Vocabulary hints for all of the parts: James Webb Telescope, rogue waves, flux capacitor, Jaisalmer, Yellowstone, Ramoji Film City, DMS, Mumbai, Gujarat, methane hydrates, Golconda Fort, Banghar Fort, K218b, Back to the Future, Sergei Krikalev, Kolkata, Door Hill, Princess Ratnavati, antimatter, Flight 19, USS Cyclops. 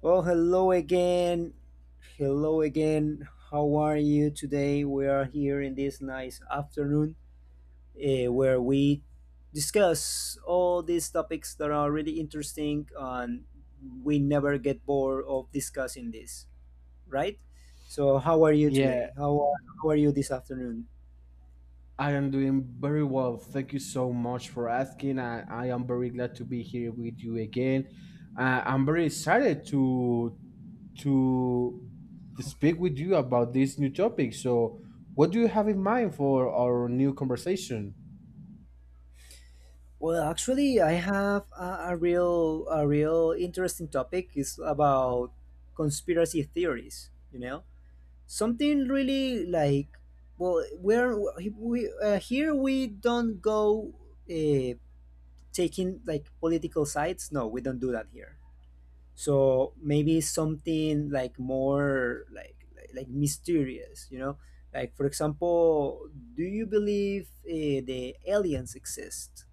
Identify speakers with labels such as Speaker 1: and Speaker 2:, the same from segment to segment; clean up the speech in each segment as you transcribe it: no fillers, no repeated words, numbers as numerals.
Speaker 1: Well, hello again. Hello again. How are you today? We are here in this nice afternoon where we discuss all these topics that are really interesting and we never get bored of discussing this, right? So, how are you
Speaker 2: Yeah,
Speaker 1: today? How are you this afternoon?
Speaker 2: I am doing very well. Thank you so much for asking. I am very glad to be here with you again. I'm very excited to to speak with you about this new topic. So, what do you have in mind for our new conversation?
Speaker 1: Well, actually, I have a real interesting topic. It's about conspiracy theories, you know? Something really like well where we here we don't go uh, taking like political sides. No, we don't do that here, so maybe something like more like like mysterious, you know, like for example, do you believe the aliens exist?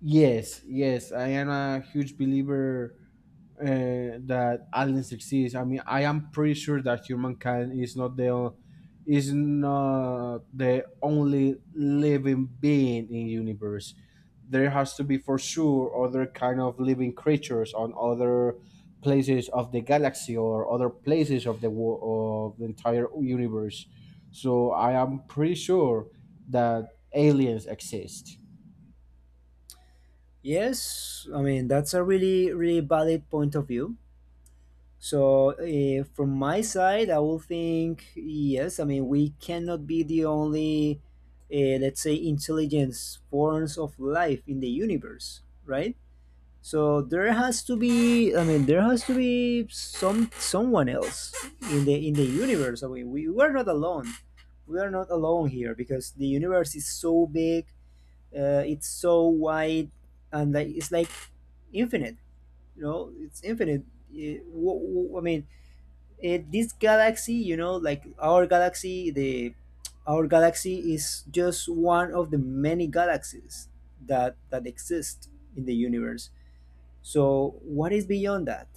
Speaker 2: Yes, yes, I am a huge believer uh, that aliens exist. I mean, I am pretty sure that humankind is not is not the only living being in universe. There has to be for sure other kind of living creatures on other places of the galaxy or other places of of the entire universe. So I am pretty sure that aliens exist.
Speaker 1: Yes, I mean, that's a really, really valid point of view. So, from my side, I will think yes. I mean, we cannot be the only, let's say, intelligence forms of life in the universe, right? So there has to be. I mean, there has to be someone else in the universe. I mean, we are not alone. We are not alone here because the universe is so big, it's so wide and like it's like infinite, you know, it's infinite. It- wh- I mean, this galaxy, you know, like our galaxy, the our galaxy is just one of the many galaxies that exist in the universe. So what is beyond that?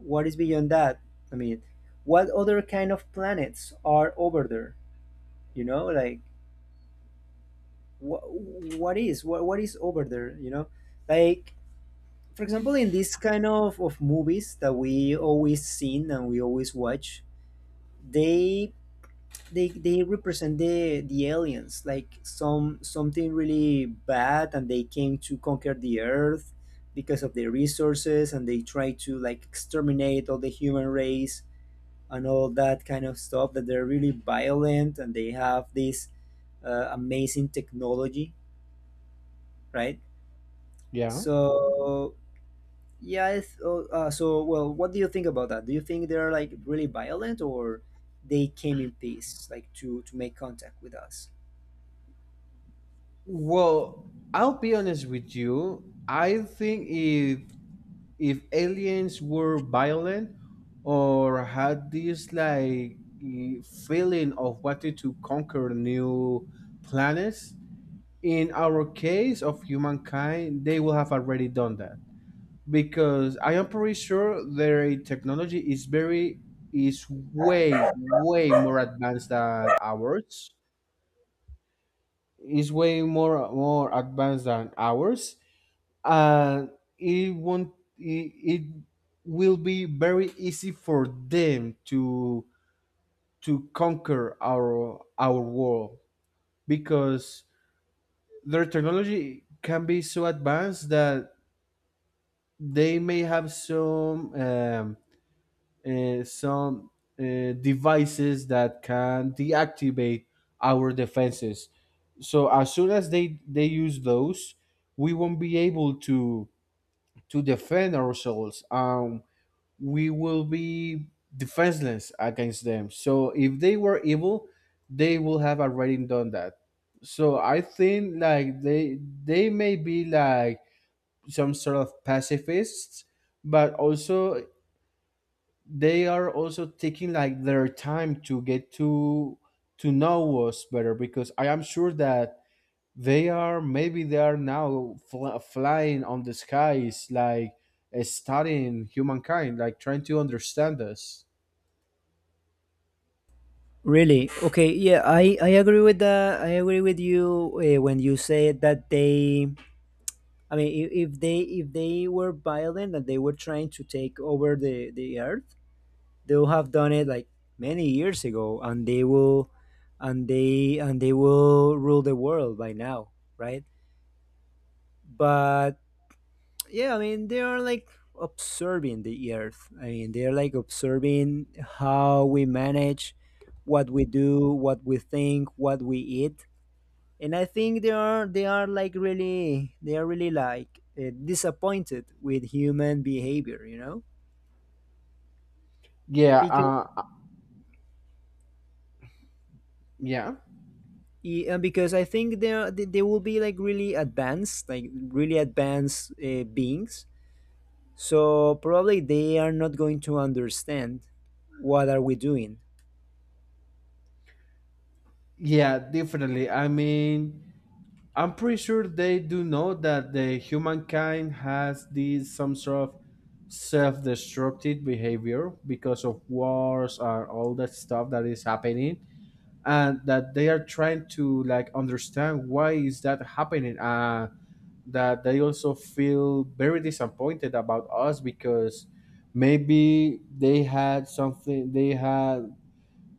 Speaker 1: What is beyond that? I mean, what other kind of planets are over there, you know, like what, what is over there, you know, like for example in this kind of movies that we always seen and we always watch, they they represent the aliens like something really bad, and they came to conquer the earth because of their resources, and they try to like exterminate all the human race and all that kind of stuff, that they're really violent and they have this amazing technology, right?
Speaker 2: Yeah.
Speaker 1: So, yes. Oh, so, well, what do you think about that? Do you think they're like really violent, or they came in peace, like to make contact with us?
Speaker 2: Well, I'll be honest with you. I think if aliens were violent or had this like feeling of wanting to conquer new planets, in our case of humankind, they will have already done that. Because I am pretty sure their technology is very is way, way more advanced than ours. Is way more advanced than ours and it won't it, it will be very easy for them to conquer our world because their technology can be so advanced that they may have some devices that can deactivate our defenses so as soon as they use those we won't be able to defend ourselves we will be defenseless against them. So if they were evil, they will have already done that. So I think like they may be like some sort of pacifists, but also they are also taking like their time to get to know us better because I am sure that they are maybe they are now flying on the skies like studying humankind like trying to understand us.
Speaker 1: Really? Okay. Yeah, I agree with that. I agree with you when you say that they. I mean, if they were violent and they were trying to take over the earth, they'll have done it like many years ago, and they will, and they will rule the world by now, right? But. Yeah, I mean they are like observing the earth. I mean they're like observing how we manage, what we do, what we think, what we eat. And I think they are like really they are really like disappointed with human behavior, you know.
Speaker 2: Yeah,
Speaker 1: Because
Speaker 2: uh, uh, yeah,
Speaker 1: yeah, because I think they will be like really advanced, like really advanced beings, so probably they are not going to understand what are we doing.
Speaker 2: yeah, definitely. I mean, I'm pretty sure they do know that the humankind has this some sort of self-destructive behavior because of wars and all that stuff that is happening, and that they are trying to like understand why is that happening, and that they also feel very disappointed about us because maybe they had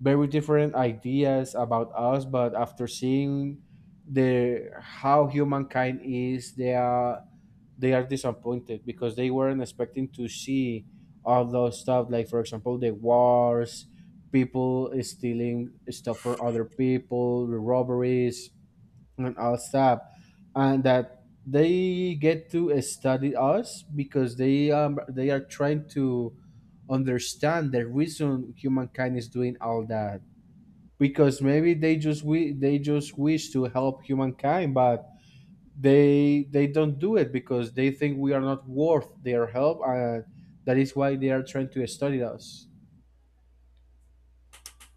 Speaker 2: very different ideas about us but after seeing the how humankind is they are disappointed because they weren't expecting to see all those stuff like for example the wars, people stealing stuff from other people, the robberies and all stuff, and that they get to study us because they are trying to understand the reason humankind is doing all that, because maybe they just wish to help humankind but they don't do it because they think we are not worth their help, and that is why they are trying to study us.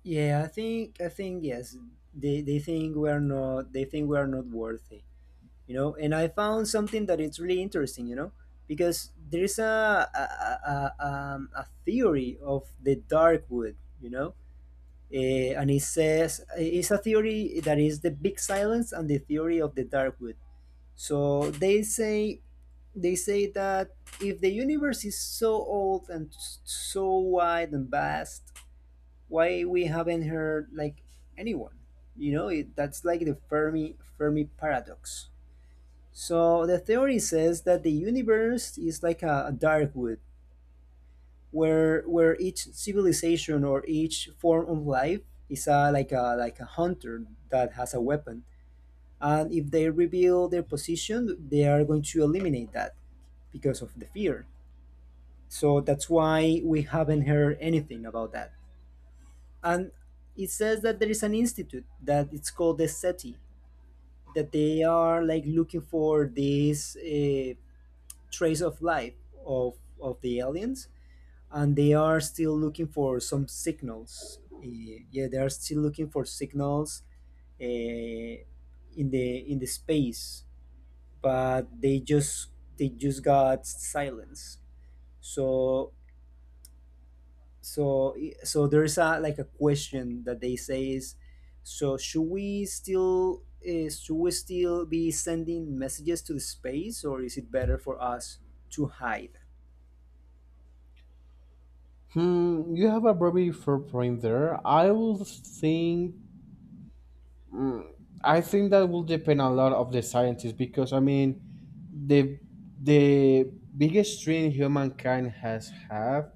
Speaker 1: Yeah, I think yes. They think we are not they think we are not worthy. And I found something that it's really interesting, because there is a theory of the dark wood. And it says it's a theory that is the big silence and the theory of the dark wood. So they say that if the universe is so old and so wide and vast, why we haven't heard like anyone? You know, it, that's like the fermi paradox. So the theory says that the universe is like a dark wood where each civilization or each form of life is a like a like a hunter that has a weapon, and if they reveal their position they are going to eliminate that because of the fear. So that's why we haven't heard anything about that. And it says that there is an institute that it's called the SETI, that they are like looking for this trace of life of the aliens, and they are still looking for some signals. Yeah, they are still looking for signals uh, in the space, but they just got silence. So there's a like a question that they say is, so should we still be sending messages to the space, or is it better for us to hide?
Speaker 2: Hmm, you have a very fair point there. I will think. mm, I think that will depend a lot of the scientists because I mean, the the biggest dream humankind has have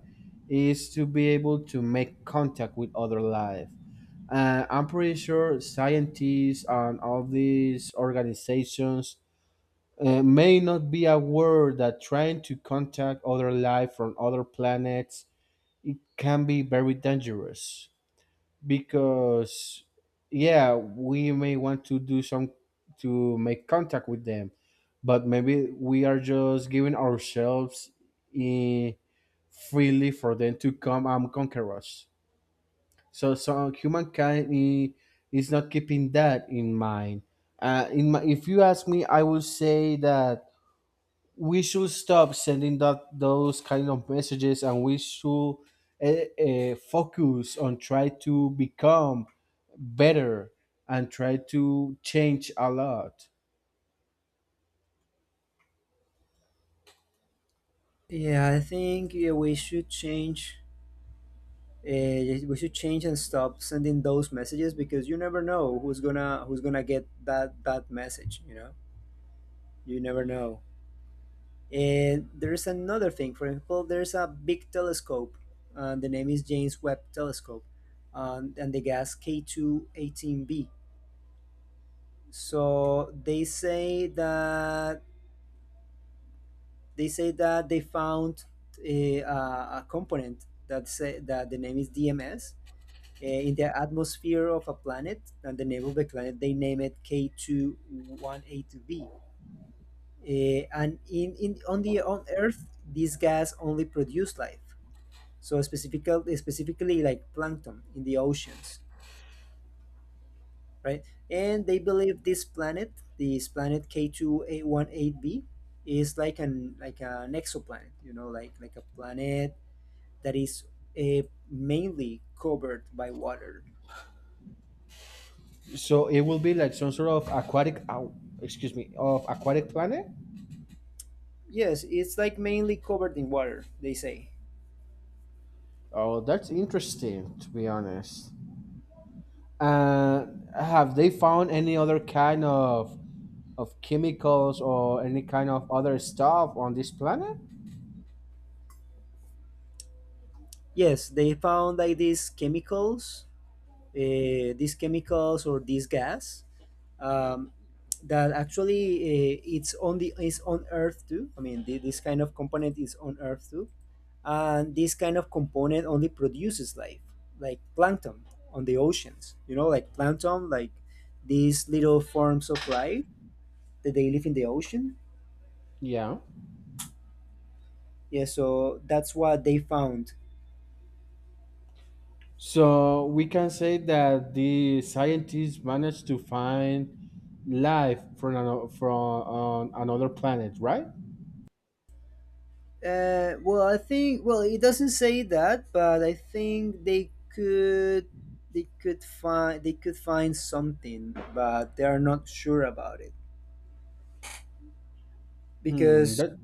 Speaker 2: is to be able to make contact with other life. I'm pretty sure scientists and all these organizations may not be aware that trying to contact other life from other planets, it can be very dangerous because yeah we may want to do some to make contact with them but maybe we are just giving ourselves in freely for them to come and conquer us. So is not keeping that in mind. In my, if you ask me, I would say that we should stop sending that those kind of messages and we should focus on try to become better and try to change a lot.
Speaker 1: Yeah, I think yeah, we should change, we should change and stop sending those messages because you never know who's gonna get that message, you know. You never know. And there's another thing. For example, there's a big telescope. The name is James Webb Telescope, and the gas K218b. So they say that they found a component, that say that the name is DMS in the atmosphere of a planet, and the name of the planet they name it K218b. And in on the on Earth, this gas only produced life, so specifically like plankton in the oceans, right? And they believe this planet k 2818 b is like an exoplanet, you know, like a planet that is uh, mainly covered by water.
Speaker 2: So it will be like some sort of aquatic, excuse me, of aquatic planet.
Speaker 1: Yes, it's like mainly covered in water, they say.
Speaker 2: Oh, that's interesting, to be honest. uh, have they found any other kind of chemicals or any kind of other stuff on this planet?
Speaker 1: Yes, they found like these chemicals, these chemicals or this gas, um, that actually, it's on the is on Earth too. I mean, this kind of component is on Earth too, and this kind of component only produces life, like plankton on the oceans. You know, like plankton, like these little forms of life that they live in the ocean.
Speaker 2: Yeah.
Speaker 1: Yeah, so that's what they found.
Speaker 2: So we can say that the scientists managed to find life from an, from on another planet, right?
Speaker 1: Well, I think, it doesn't say that, but I think they could find something, but they are not sure about it,
Speaker 2: Hmm.
Speaker 1: because
Speaker 2: That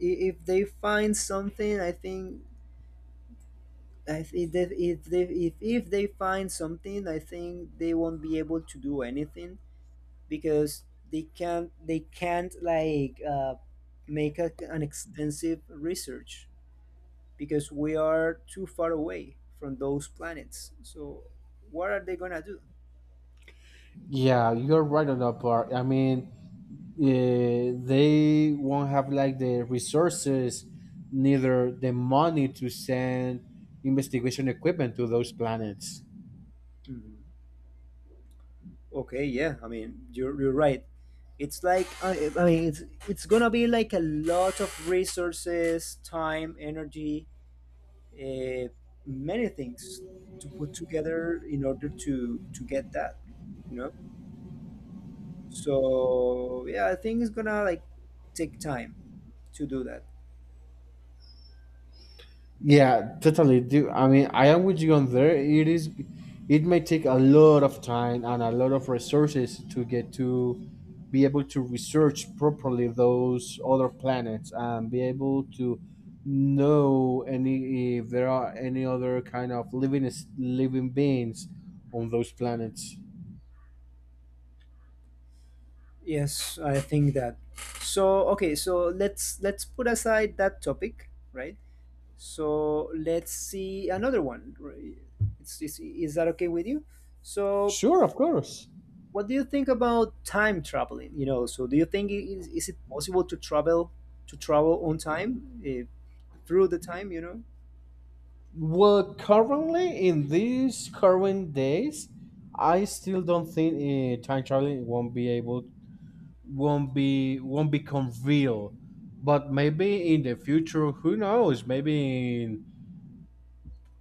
Speaker 1: if they find something, I think, if they, if they if they find something, I think they won't be able to do anything, because they can't like make an extensive research, because we are too far away from those planets. So, what are they gonna do?
Speaker 2: yeah, you're right on that part. I mean, they won't have like the resources, neither the money to send investigation equipment to those planets.
Speaker 1: Mhm. Okay, yeah, I mean, you're right. It's like I mean, it's gonna be like a lot of resources, time, energy, uh, many things to put together in order to get that, you know. So yeah, I think it's gonna like take time to do that.
Speaker 2: Yeah, totally. Do I mean I am with you on there. It is it may take a lot of time and a lot of resources to get to be able to research properly those other planets and be able to know any if there are any other kind of living beings on those planets.
Speaker 1: Yes, I think that. So, okay, so let's put aside that topic, right? So, let's see another one, right? It's, is that okay with you? So,
Speaker 2: Sure, of course.
Speaker 1: what do you think about time traveling? You know, so do you think is it possible to travel on through the time, you know?
Speaker 2: Well, currently in these current days, I still don't think time traveling won't be able won't be won't become real, but maybe in the future who knows, maybe in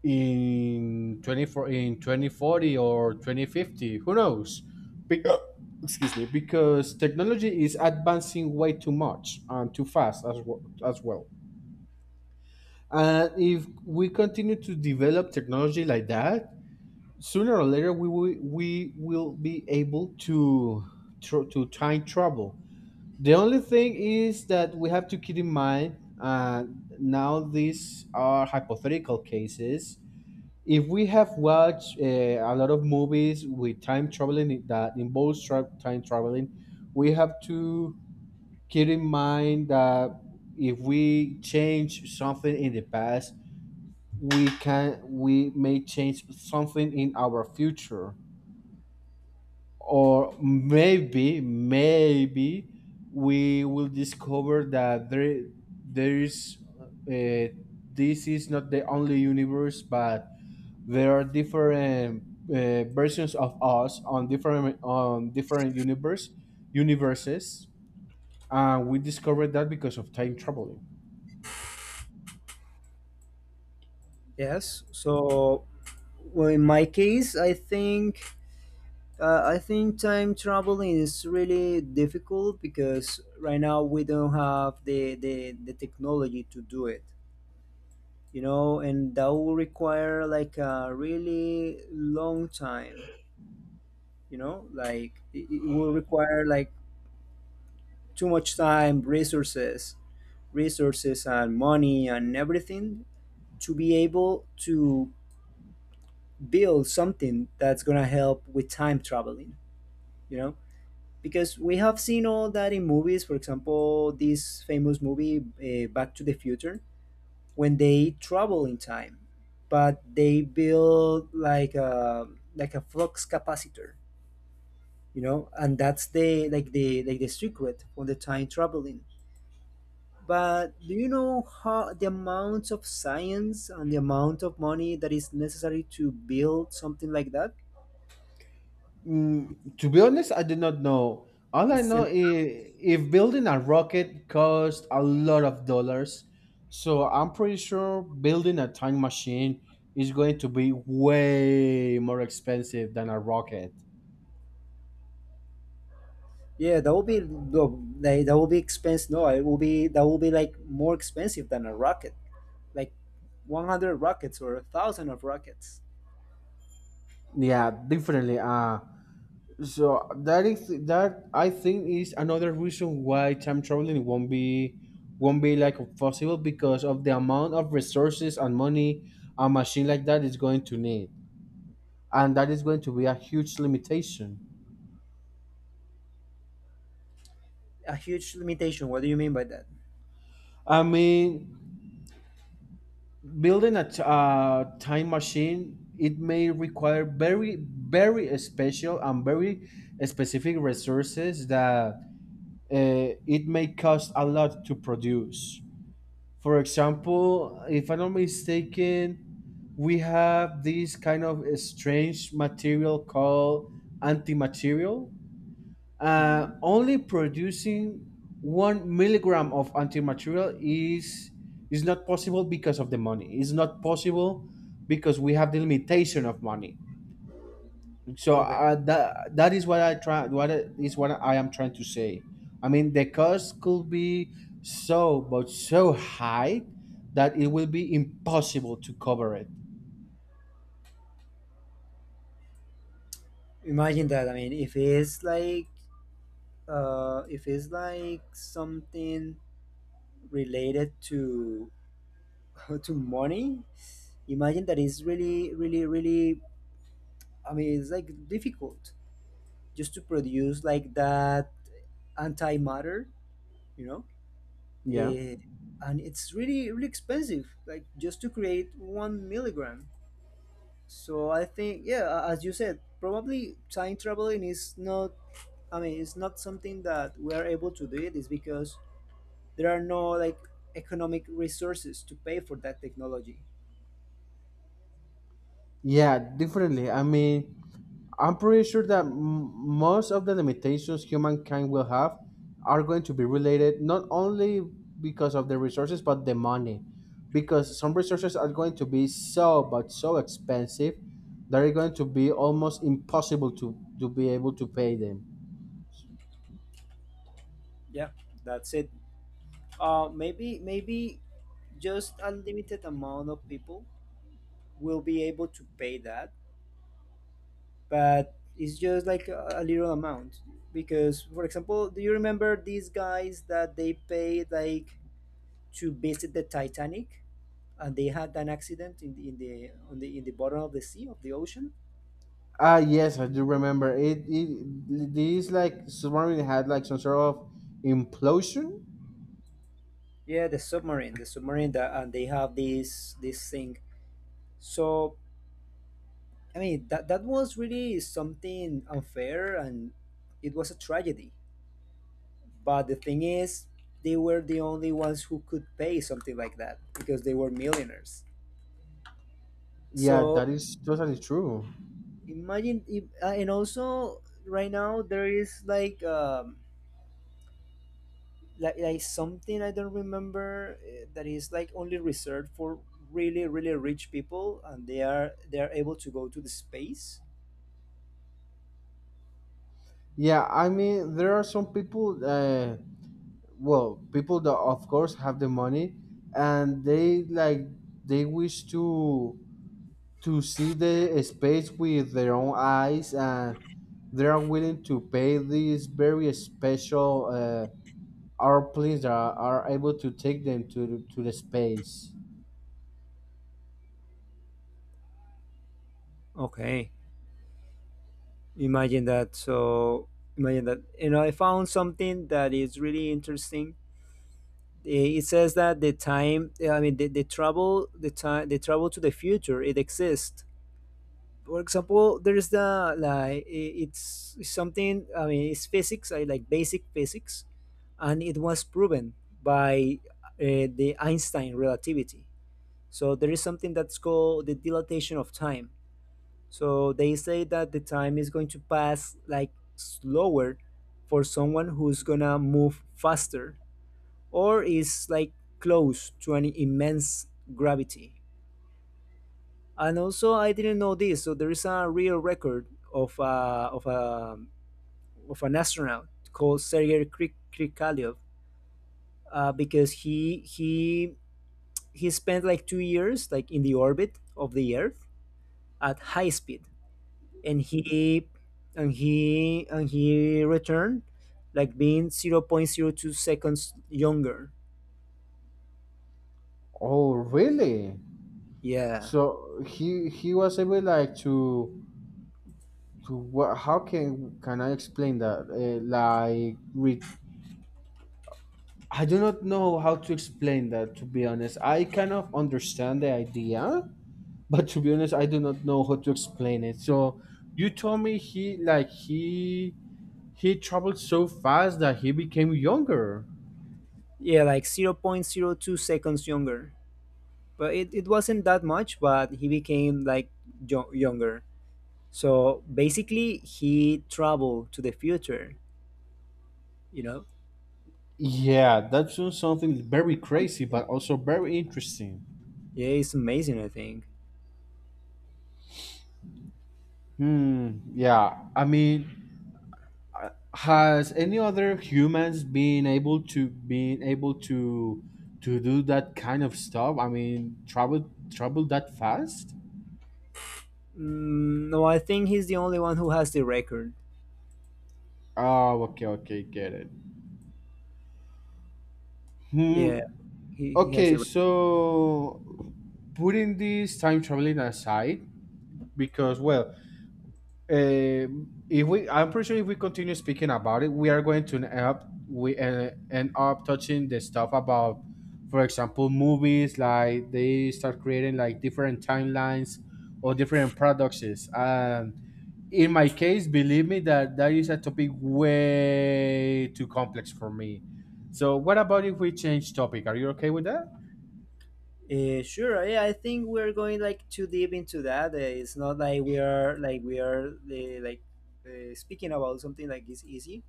Speaker 2: in 24 in 2040 or 2050, who knows. Be- Excuse me, because technology is advancing way too much and too fast as well, and if we continue to develop technology like that, sooner or later we will be able to time travel. The only thing is that we have to keep in mind now these are hypothetical cases. If we have watched a lot of movies with time traveling that involves time traveling, we have to keep in mind that if we change something in the past, we may change something in our future, or maybe we will discover that there is this is not the only universe but there are different versions of us on different universes, and we discovered that because of time traveling.
Speaker 1: Yes. So, well, in my case, I think. Time traveling is really difficult because right now we don't have the technology to do it, you know, and that will require like a really long time, you know, like it will require like too much time, resources, and money and everything to be able to build something that's gonna help with time traveling, you know. Because we have seen all that in movies, for example this famous movie back to the future, when they travel in time, but they build like a flux capacitor, you know, and that's the secret for the time traveling. But do you know how the amount of science and the amount of money that is necessary to build something like that?
Speaker 2: Mm, to be honest, I do not know. All I
Speaker 1: It's
Speaker 2: know is if building a rocket costs a lot of dollars, so I'm pretty sure building a time machine is going to be way more expensive than a rocket.
Speaker 1: Yeah, that will be no, like, that will be expensive. No, it will be that will be like more expensive than a rocket, like 100 rockets or a thousand of rockets.
Speaker 2: Yeah, definitely. So that is that I think is another reason why time traveling won't be like possible because of the amount of resources and money a machine like that is going to need. And that is going to be a huge limitation.
Speaker 1: A huge limitation. What do you mean by that?
Speaker 2: I mean, building a a time machine, it may require very very special and very specific resources that it may cost a lot to produce. For example, if I'm not mistaken, we have this kind of strange material called antimaterial.
Speaker 1: Hmm.
Speaker 2: Only producing one milligram of antimaterial is not possible because of the money. It's not possible because we have the limitation of money. So
Speaker 1: Okay,
Speaker 2: that is what I try. Is what I am trying to say. I mean, the cost could be so high that it will be impossible to cover it.
Speaker 1: imagine that. I mean, if it's like something related to to money, imagine that it's really, really, really. I mean, it's like difficult just to produce like that antimatter. You know.
Speaker 2: Yeah.
Speaker 1: Eh, and it's really really expensive, like just to create 1 milligram. So I think, yeah, as you said, probably time traveling is not, I mean, it's not something that we are able to do. It is because there are no, like, economic resources to pay for that technology.
Speaker 2: Yeah, definitely. I mean, I'm pretty sure that most of the limitations humankind will have are going to be related not only because of the resources but the money. Because some resources are going to be so expensive that are going to be almost impossible to be able to pay them.
Speaker 1: Yeah, that's it. Maybe just a limited amount of people will be able to pay that, but it's just like a little amount. Because, for example, do you remember these guys that they paid like to visit the Titanic, and they had an accident in the bottom of the sea, of the ocean?
Speaker 2: Ah, yes, I do remember. It this like submarine had like some sort of implosion.
Speaker 1: Yeah, the submarine that, and they have this thing. So, I mean, that was really something unfair, and it was a tragedy. But the thing is, they were the only ones who could pay something like that because they were millionaires.
Speaker 2: Yeah,
Speaker 1: So
Speaker 2: that is totally true.
Speaker 1: imagine if, and also right now there is like something I don't remember, that is like only reserved for really really rich people, and they are, they are able to go to the space.
Speaker 2: Yeah, I mean there are some people. Well, people that of course have the money and they like they wish to see the space with their own eyes and they are willing to pay these very special airplanes that are able to take them to to the space.
Speaker 1: Okay, imagine that. So imagine that. You know, I found something that is really interesting. It says that the time, I mean, the travel, the time, the travel to the future, it exists. For example, there's the like it's something, I mean, it's physics, I, like, basic physics. And it was proven by the Einstein relativity. So there is something that's called the dilatation of time. So they say that the time is going to pass like slower for someone who's gonna move faster, or is like close to an immense gravity. And also, I didn't know this. So there is a real record of a, of an astronaut called Sergei Krikalev, because he spent like 2 years like in the orbit of the Earth at high speed. And he and he returned like being 0.0 0.02 seconds younger.
Speaker 2: Oh really?
Speaker 1: Yeah,
Speaker 2: So he was able like to what, how can I explain that I do not know how to explain that, to be honest. I kind of understand the idea, but to be honest, I do not know how to explain it. So you told me he like he traveled so fast that he became younger.
Speaker 1: yeah, like 0.0 0.02 seconds younger. But it wasn't that much, but he became like younger. So basically he traveled to the future, you know.
Speaker 2: Yeah, that sounds something very crazy,
Speaker 1: Amazing.
Speaker 2: but also very interesting.
Speaker 1: Yeah, it's amazing, I think.
Speaker 2: Hmm. Yeah. I mean, has any other humans been able to do that kind of stuff? I mean, travel that fast?
Speaker 1: Mm, no, I think he's the only one who has the record.
Speaker 2: Ah, okay, okay, get it. Hmm.
Speaker 1: Yeah, he has
Speaker 2: Okay,
Speaker 1: the record.
Speaker 2: so putting this time traveling aside, because well, if I'm pretty sure if we continue speaking about it, we are going to end up we end up touching the stuff about, for example, movies like they start creating like different timelines or different products, and in my case, believe me that that is a topic way too complex for me. So, what about if we change topic? Are you okay with that?
Speaker 1: Sure, yeah, I think we're going like too deep into that. It's not like we are, like we are, like speaking about something like it's easy,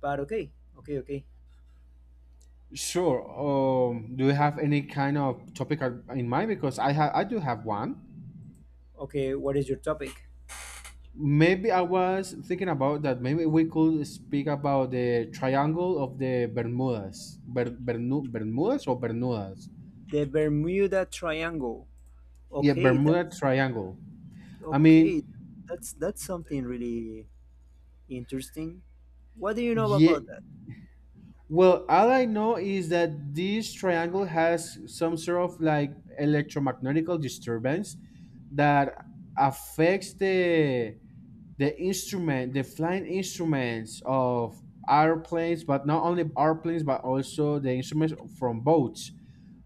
Speaker 1: but okay, okay, okay.
Speaker 2: Sure. Do you have any kind of topic in mind? Because I do have one.
Speaker 1: Okay, what is your topic?
Speaker 2: Maybe I was thinking about that. Maybe we could speak about the triangle of the Bermudas, Bermudas or Bermudas.
Speaker 1: The Bermuda Triangle.
Speaker 2: Yeah,
Speaker 1: Okay,
Speaker 2: Bermuda
Speaker 1: that's
Speaker 2: Triangle. I mean,
Speaker 1: okay. That's something really interesting. What do you know
Speaker 2: yeah.
Speaker 1: about that?
Speaker 2: Well, all I know is that this triangle has some sort of like electromagnetical disturbance that affects the instrument, the flying instruments of airplanes, but not only airplanes, but also the instruments from boats.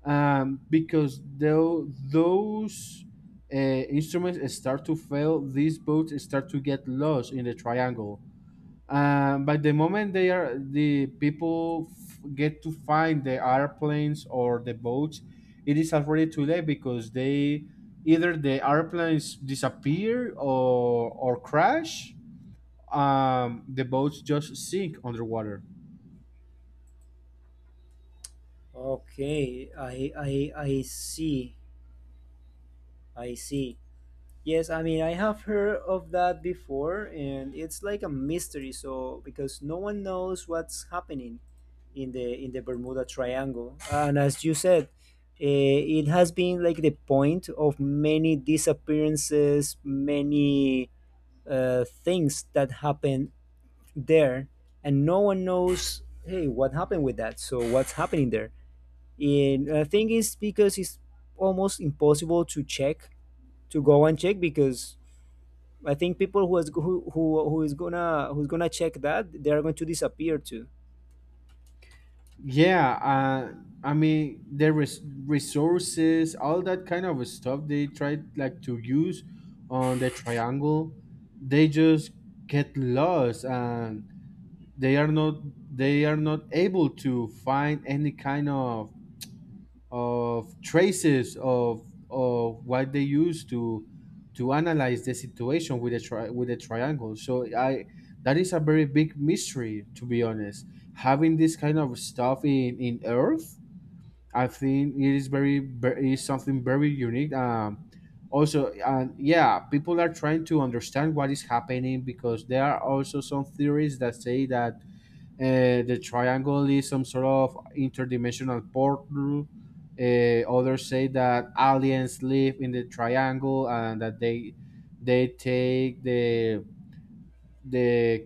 Speaker 2: Because though those instruments start to fail, these boats start to get lost in the triangle. By the moment they are the people f- get to find the airplanes or the boats, it is already too late because they, either the airplanes disappear or crash, the boats just sink underwater.
Speaker 1: Okay, I see. I see. Yes, I mean, I have heard of that before, and it's like a mystery, so because no one knows what's happening in the Bermuda Triangle. And as you said, it has been like the point of many disappearances, many things that happen there, and no one knows, hey, what happened with that, so what's happening there. And the thing is, because it's almost impossible to check, to go and check. Because I think people who is who is gonna, who's gonna check, that they are going to disappear too.
Speaker 2: Yeah, I mean, the resources, all that kind of stuff they tried like to use on the triangle, they just get lost and they are not they are not able to find any kind of traces of what they use to analyze the situation with a triangle. So I that is a very big mystery, to be honest. Having this kind of stuff in earth, I think it is is something very unique. Also, and yeah, people are trying to understand what is happening, because there are also some theories that say that the triangle is some sort of interdimensional portal. Others say that aliens live in the triangle and that they take the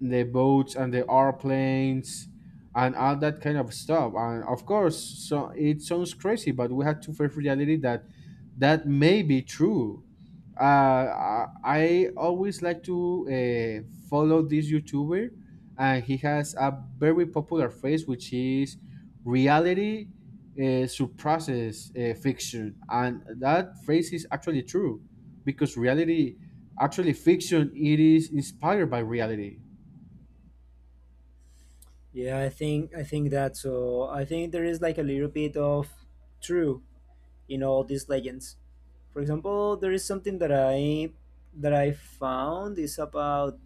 Speaker 2: the boats and the airplanes and all that kind of stuff. And of course, so it sounds crazy, but we have to face reality that that may be true. I always like to follow this YouTuber, and he has a very popular phrase, which is reality surpasses fiction, and that phrase is actually true, because reality, actually fiction, it is inspired by reality.
Speaker 1: Yeah, I think, I think that, so I think there is like a little bit of true in all these legends. For example, there is something that I, that I found, is about,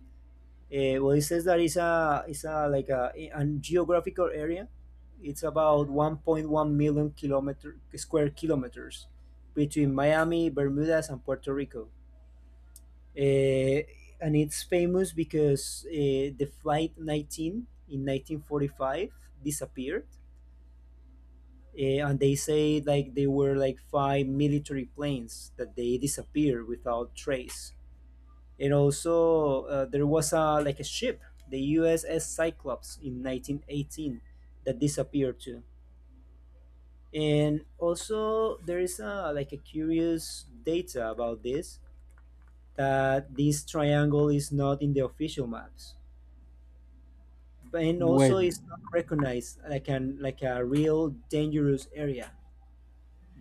Speaker 1: Well, it says that it's a, it's a, like a geographical area. It's about 1.1 million kilometer square kilometers between Miami, Bermudas, and Puerto Rico. Uh, and it's famous because the flight 19 in 1945 disappeared. And they say like they were like five military planes that they disappeared without trace. And also there was a, like a ship, the USS Cyclops in 1918, that disappeared too. And also there is a, like a curious data about this, that this triangle is not in the official maps, and also
Speaker 2: Wait,
Speaker 1: it's not recognized like an, like a real dangerous area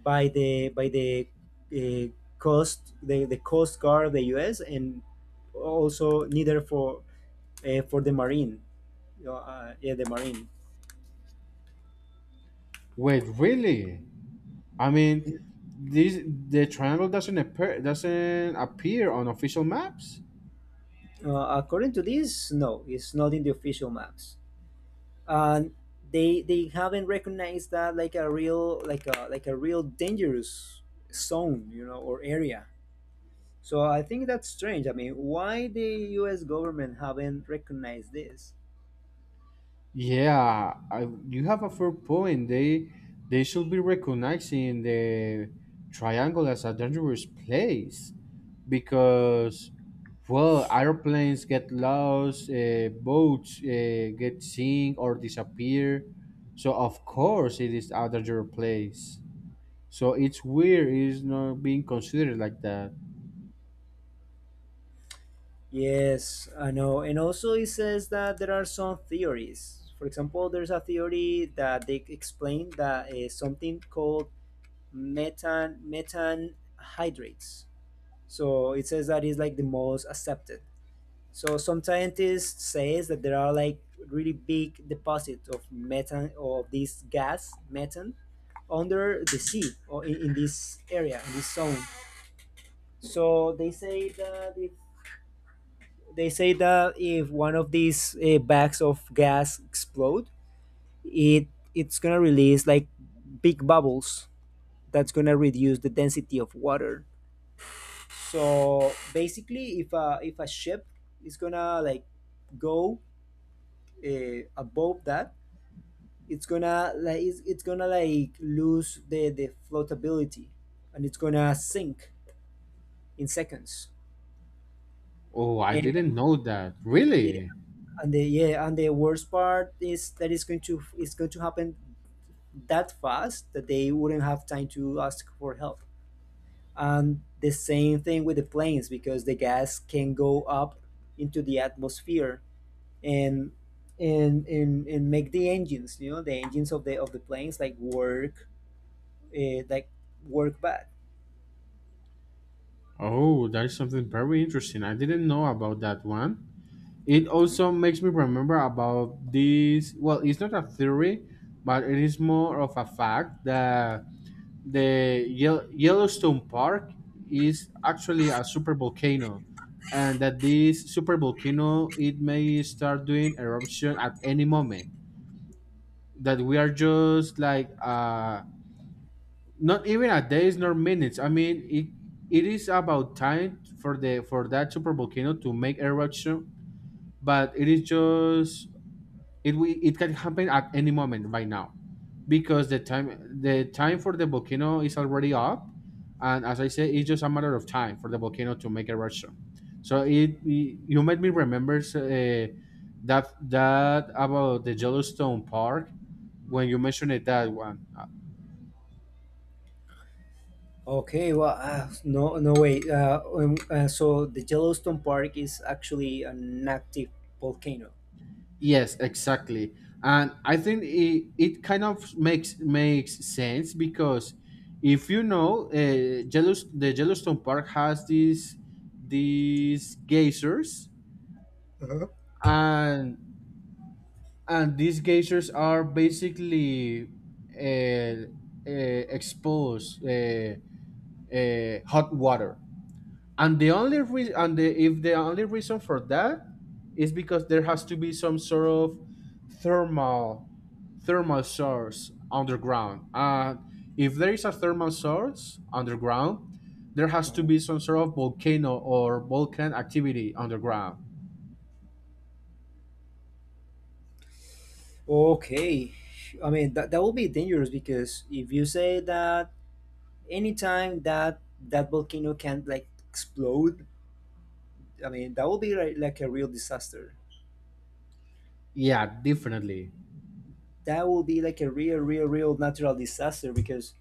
Speaker 1: by the uh, coast, the coast guard of the US, and also neither for for the marine, yeah, the marine.
Speaker 2: wait, really? I mean, this the triangle doesn't appear on official maps.
Speaker 1: According to this, no, it's not in the official maps. And they haven't recognized that like a real, like a, like a real dangerous zone, you know, or area. So I think that's strange. I mean, why the U.S. government haven't recognized this?
Speaker 2: Yeah, I, you have a fair point. They should be recognizing the triangle as a dangerous place, because, well, airplanes get lost, boats get sink or disappear. So of course it is a dangerous place. So it's weird it's not being considered like that.
Speaker 1: Yes, I know. And also, it says that there are some theories. For example, there's a theory that they explain that something called methane hydrates. So it says that is like the most accepted. So some scientists says that there are like really big deposits of methane, of this gas methane, under the sea, or in this area, in this zone. So they say that if, they say that if one of these bags of gas explode, it, it's gonna release like big bubbles, that's gonna reduce the density of water. So basically, if a, if a ship is gonna like go above that, it's gonna like, it's gonna like lose the floatability, and it's gonna sink in seconds.
Speaker 2: Oh, I
Speaker 1: And
Speaker 2: didn't know that.
Speaker 1: yeah,
Speaker 2: Really?
Speaker 1: and the, yeah, and the worst part is that it's going to, it's going to happen that fast, that they wouldn't have time to ask for help. And the same thing with the planes, because the gas can go up into the atmosphere, and and make the engines, you know, the engines of the planes like work back.
Speaker 2: Oh, that's something very interesting. I didn't know about that one. It also
Speaker 1: Mhm.
Speaker 2: makes me remember about this. Well, it's not a theory, but it is more of a fact that the Yellowstone Park is actually a super volcano, and that this super volcano it may start doing eruption at any moment. That we are just like not even a days nor minutes. I mean, it is about time for that supervolcano to make eruption, but it is just it can happen at any moment right now, because the time for the volcano is already up, and as I say, it's just a matter of time for the volcano to make eruption. So it you made me remember that about the Yellowstone Park when you mentioned it that one.
Speaker 1: Okay, well, no, no way, so the Yellowstone Park is actually an active volcano.
Speaker 2: Yes, exactly. And I think it kind of makes sense, because if you know, the Yellowstone Park has these geysers,
Speaker 1: Uh-huh.
Speaker 2: and and these geysers are basically uh, exposed hot water. And the only reason and the if the only reason for that is because there has to be some sort of thermal thermal source underground, and if there is a thermal source underground there has to be some
Speaker 1: um,
Speaker 2: sort of volcano or volcan activity underground.
Speaker 1: okay, I mean, that, that will be dangerous. Because if you say that anytime that that volcano can like explode, I mean, that will be like a real disaster.
Speaker 2: Yeah, definitely.
Speaker 1: That will be like a real, real, real natural disaster. Because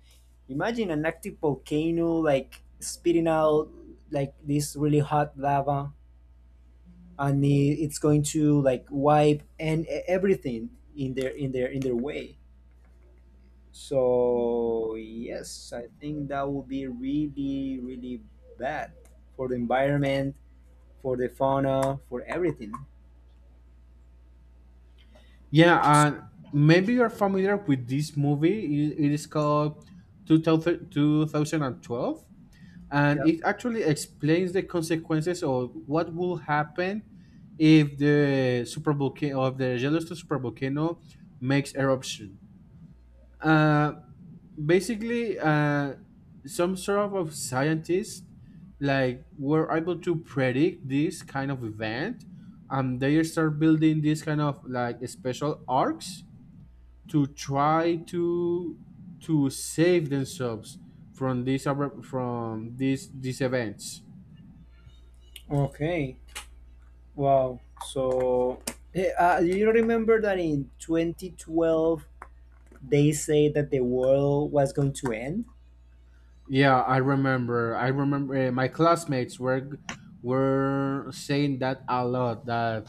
Speaker 1: imagine an active volcano like spitting out like this really hot lava, and it's going to like wipe and everything in their in their in their way. So yes, I think that will be really, really bad for the environment, for the fauna, for everything.
Speaker 2: Yeah, and maybe you're familiar with this movie, it is called 2012. And
Speaker 1: Yep.
Speaker 2: it actually explains the consequences of what will happen if the supervolcano of the Yellowstone supervolcano makes eruption. Uh, Basically, some sort of scientists like were able to predict this kind of event, and they start building this kind of like special arcs to try to save themselves from these events.
Speaker 1: Okay. Wow. So, you remember that in 2012 they say that the world was going to end.
Speaker 2: Yeah, I remember. My classmates were saying that a lot. That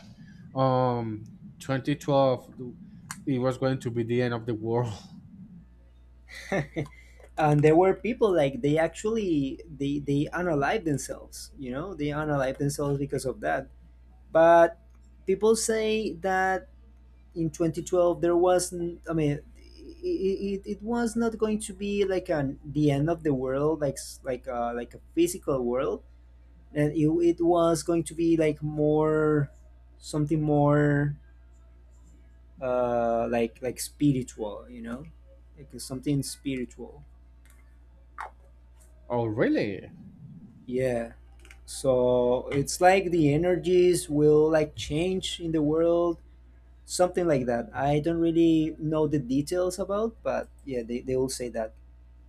Speaker 2: um, 2012, it was going to be the end of the world.
Speaker 1: and there were people like they actually they unalive themselves. You know, they unalive themselves because of that. But people say that in 2012 there wasn't. I mean, it was not going to be like an the end of the world, like like, like a physical world. And it was going to be like more something more, like spiritual, you know, like something spiritual.
Speaker 2: Oh really?
Speaker 1: Yeah, so it's like the energies will like change in the world, something like that. I don't really know the details about, but yeah, they will say that.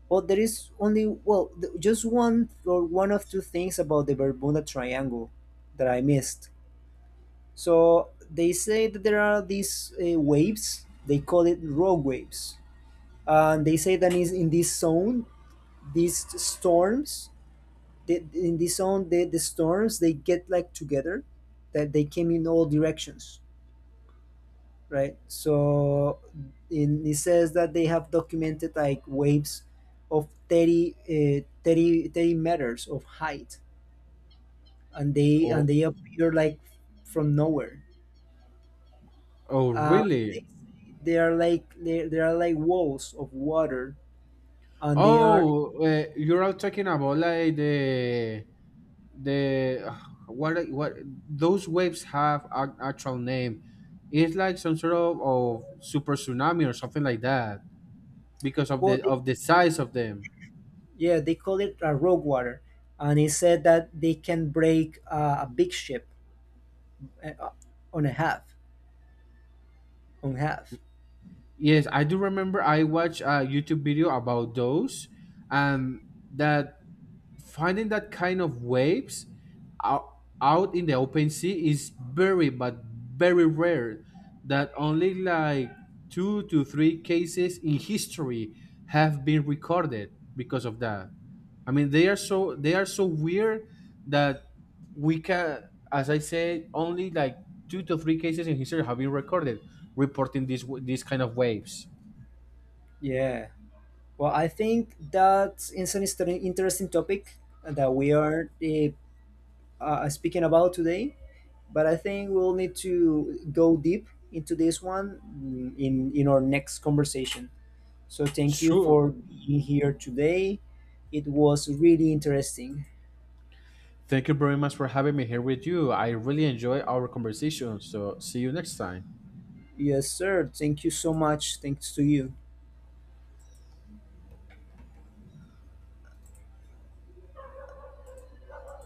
Speaker 1: Well, there is only, well, just one or one of two things about the Bermuda Triangle that I missed. So they say that there are these waves. They call it rogue waves. And they say that is in this zone, these storms, in this zone, the storms they get like together, that they came in all directions, right? So in, it says that they have documented like waves of 30, 30, thirty meters of height, and they, and
Speaker 2: Oh
Speaker 1: they appear like from nowhere.
Speaker 2: oh
Speaker 1: uh,
Speaker 2: really?
Speaker 1: they, they are like, they are like walls of water, and they are,
Speaker 2: Oh, you're all talking about like the what those waves have an actual name. It's like some sort of super tsunami or something like that because
Speaker 1: well they,
Speaker 2: of the size of them.
Speaker 1: yeah, they call it a rock water. And it said that they can break a big ship, uh, on a half, on half.
Speaker 2: Yes, I do remember I watched a YouTube video about those, and that finding that kind of waves, out, out in the open sea is very rare, that only like two to three cases in history have been recorded because of that. I mean, they are so weird that we can, as I said, only like two to three cases in history have been recorded reporting these kind of waves.
Speaker 1: Yeah, well, I think that's an interesting topic that we are speaking about today. But I think we'll need to go deep into this one, in our next conversation. So thank you for
Speaker 2: Sure.
Speaker 1: being here today. It was really interesting.
Speaker 2: Thank you very much for having me here with you. I really enjoy our conversation. So, see you next time.
Speaker 1: Yes, sir. Thank you so much. Thanks to you.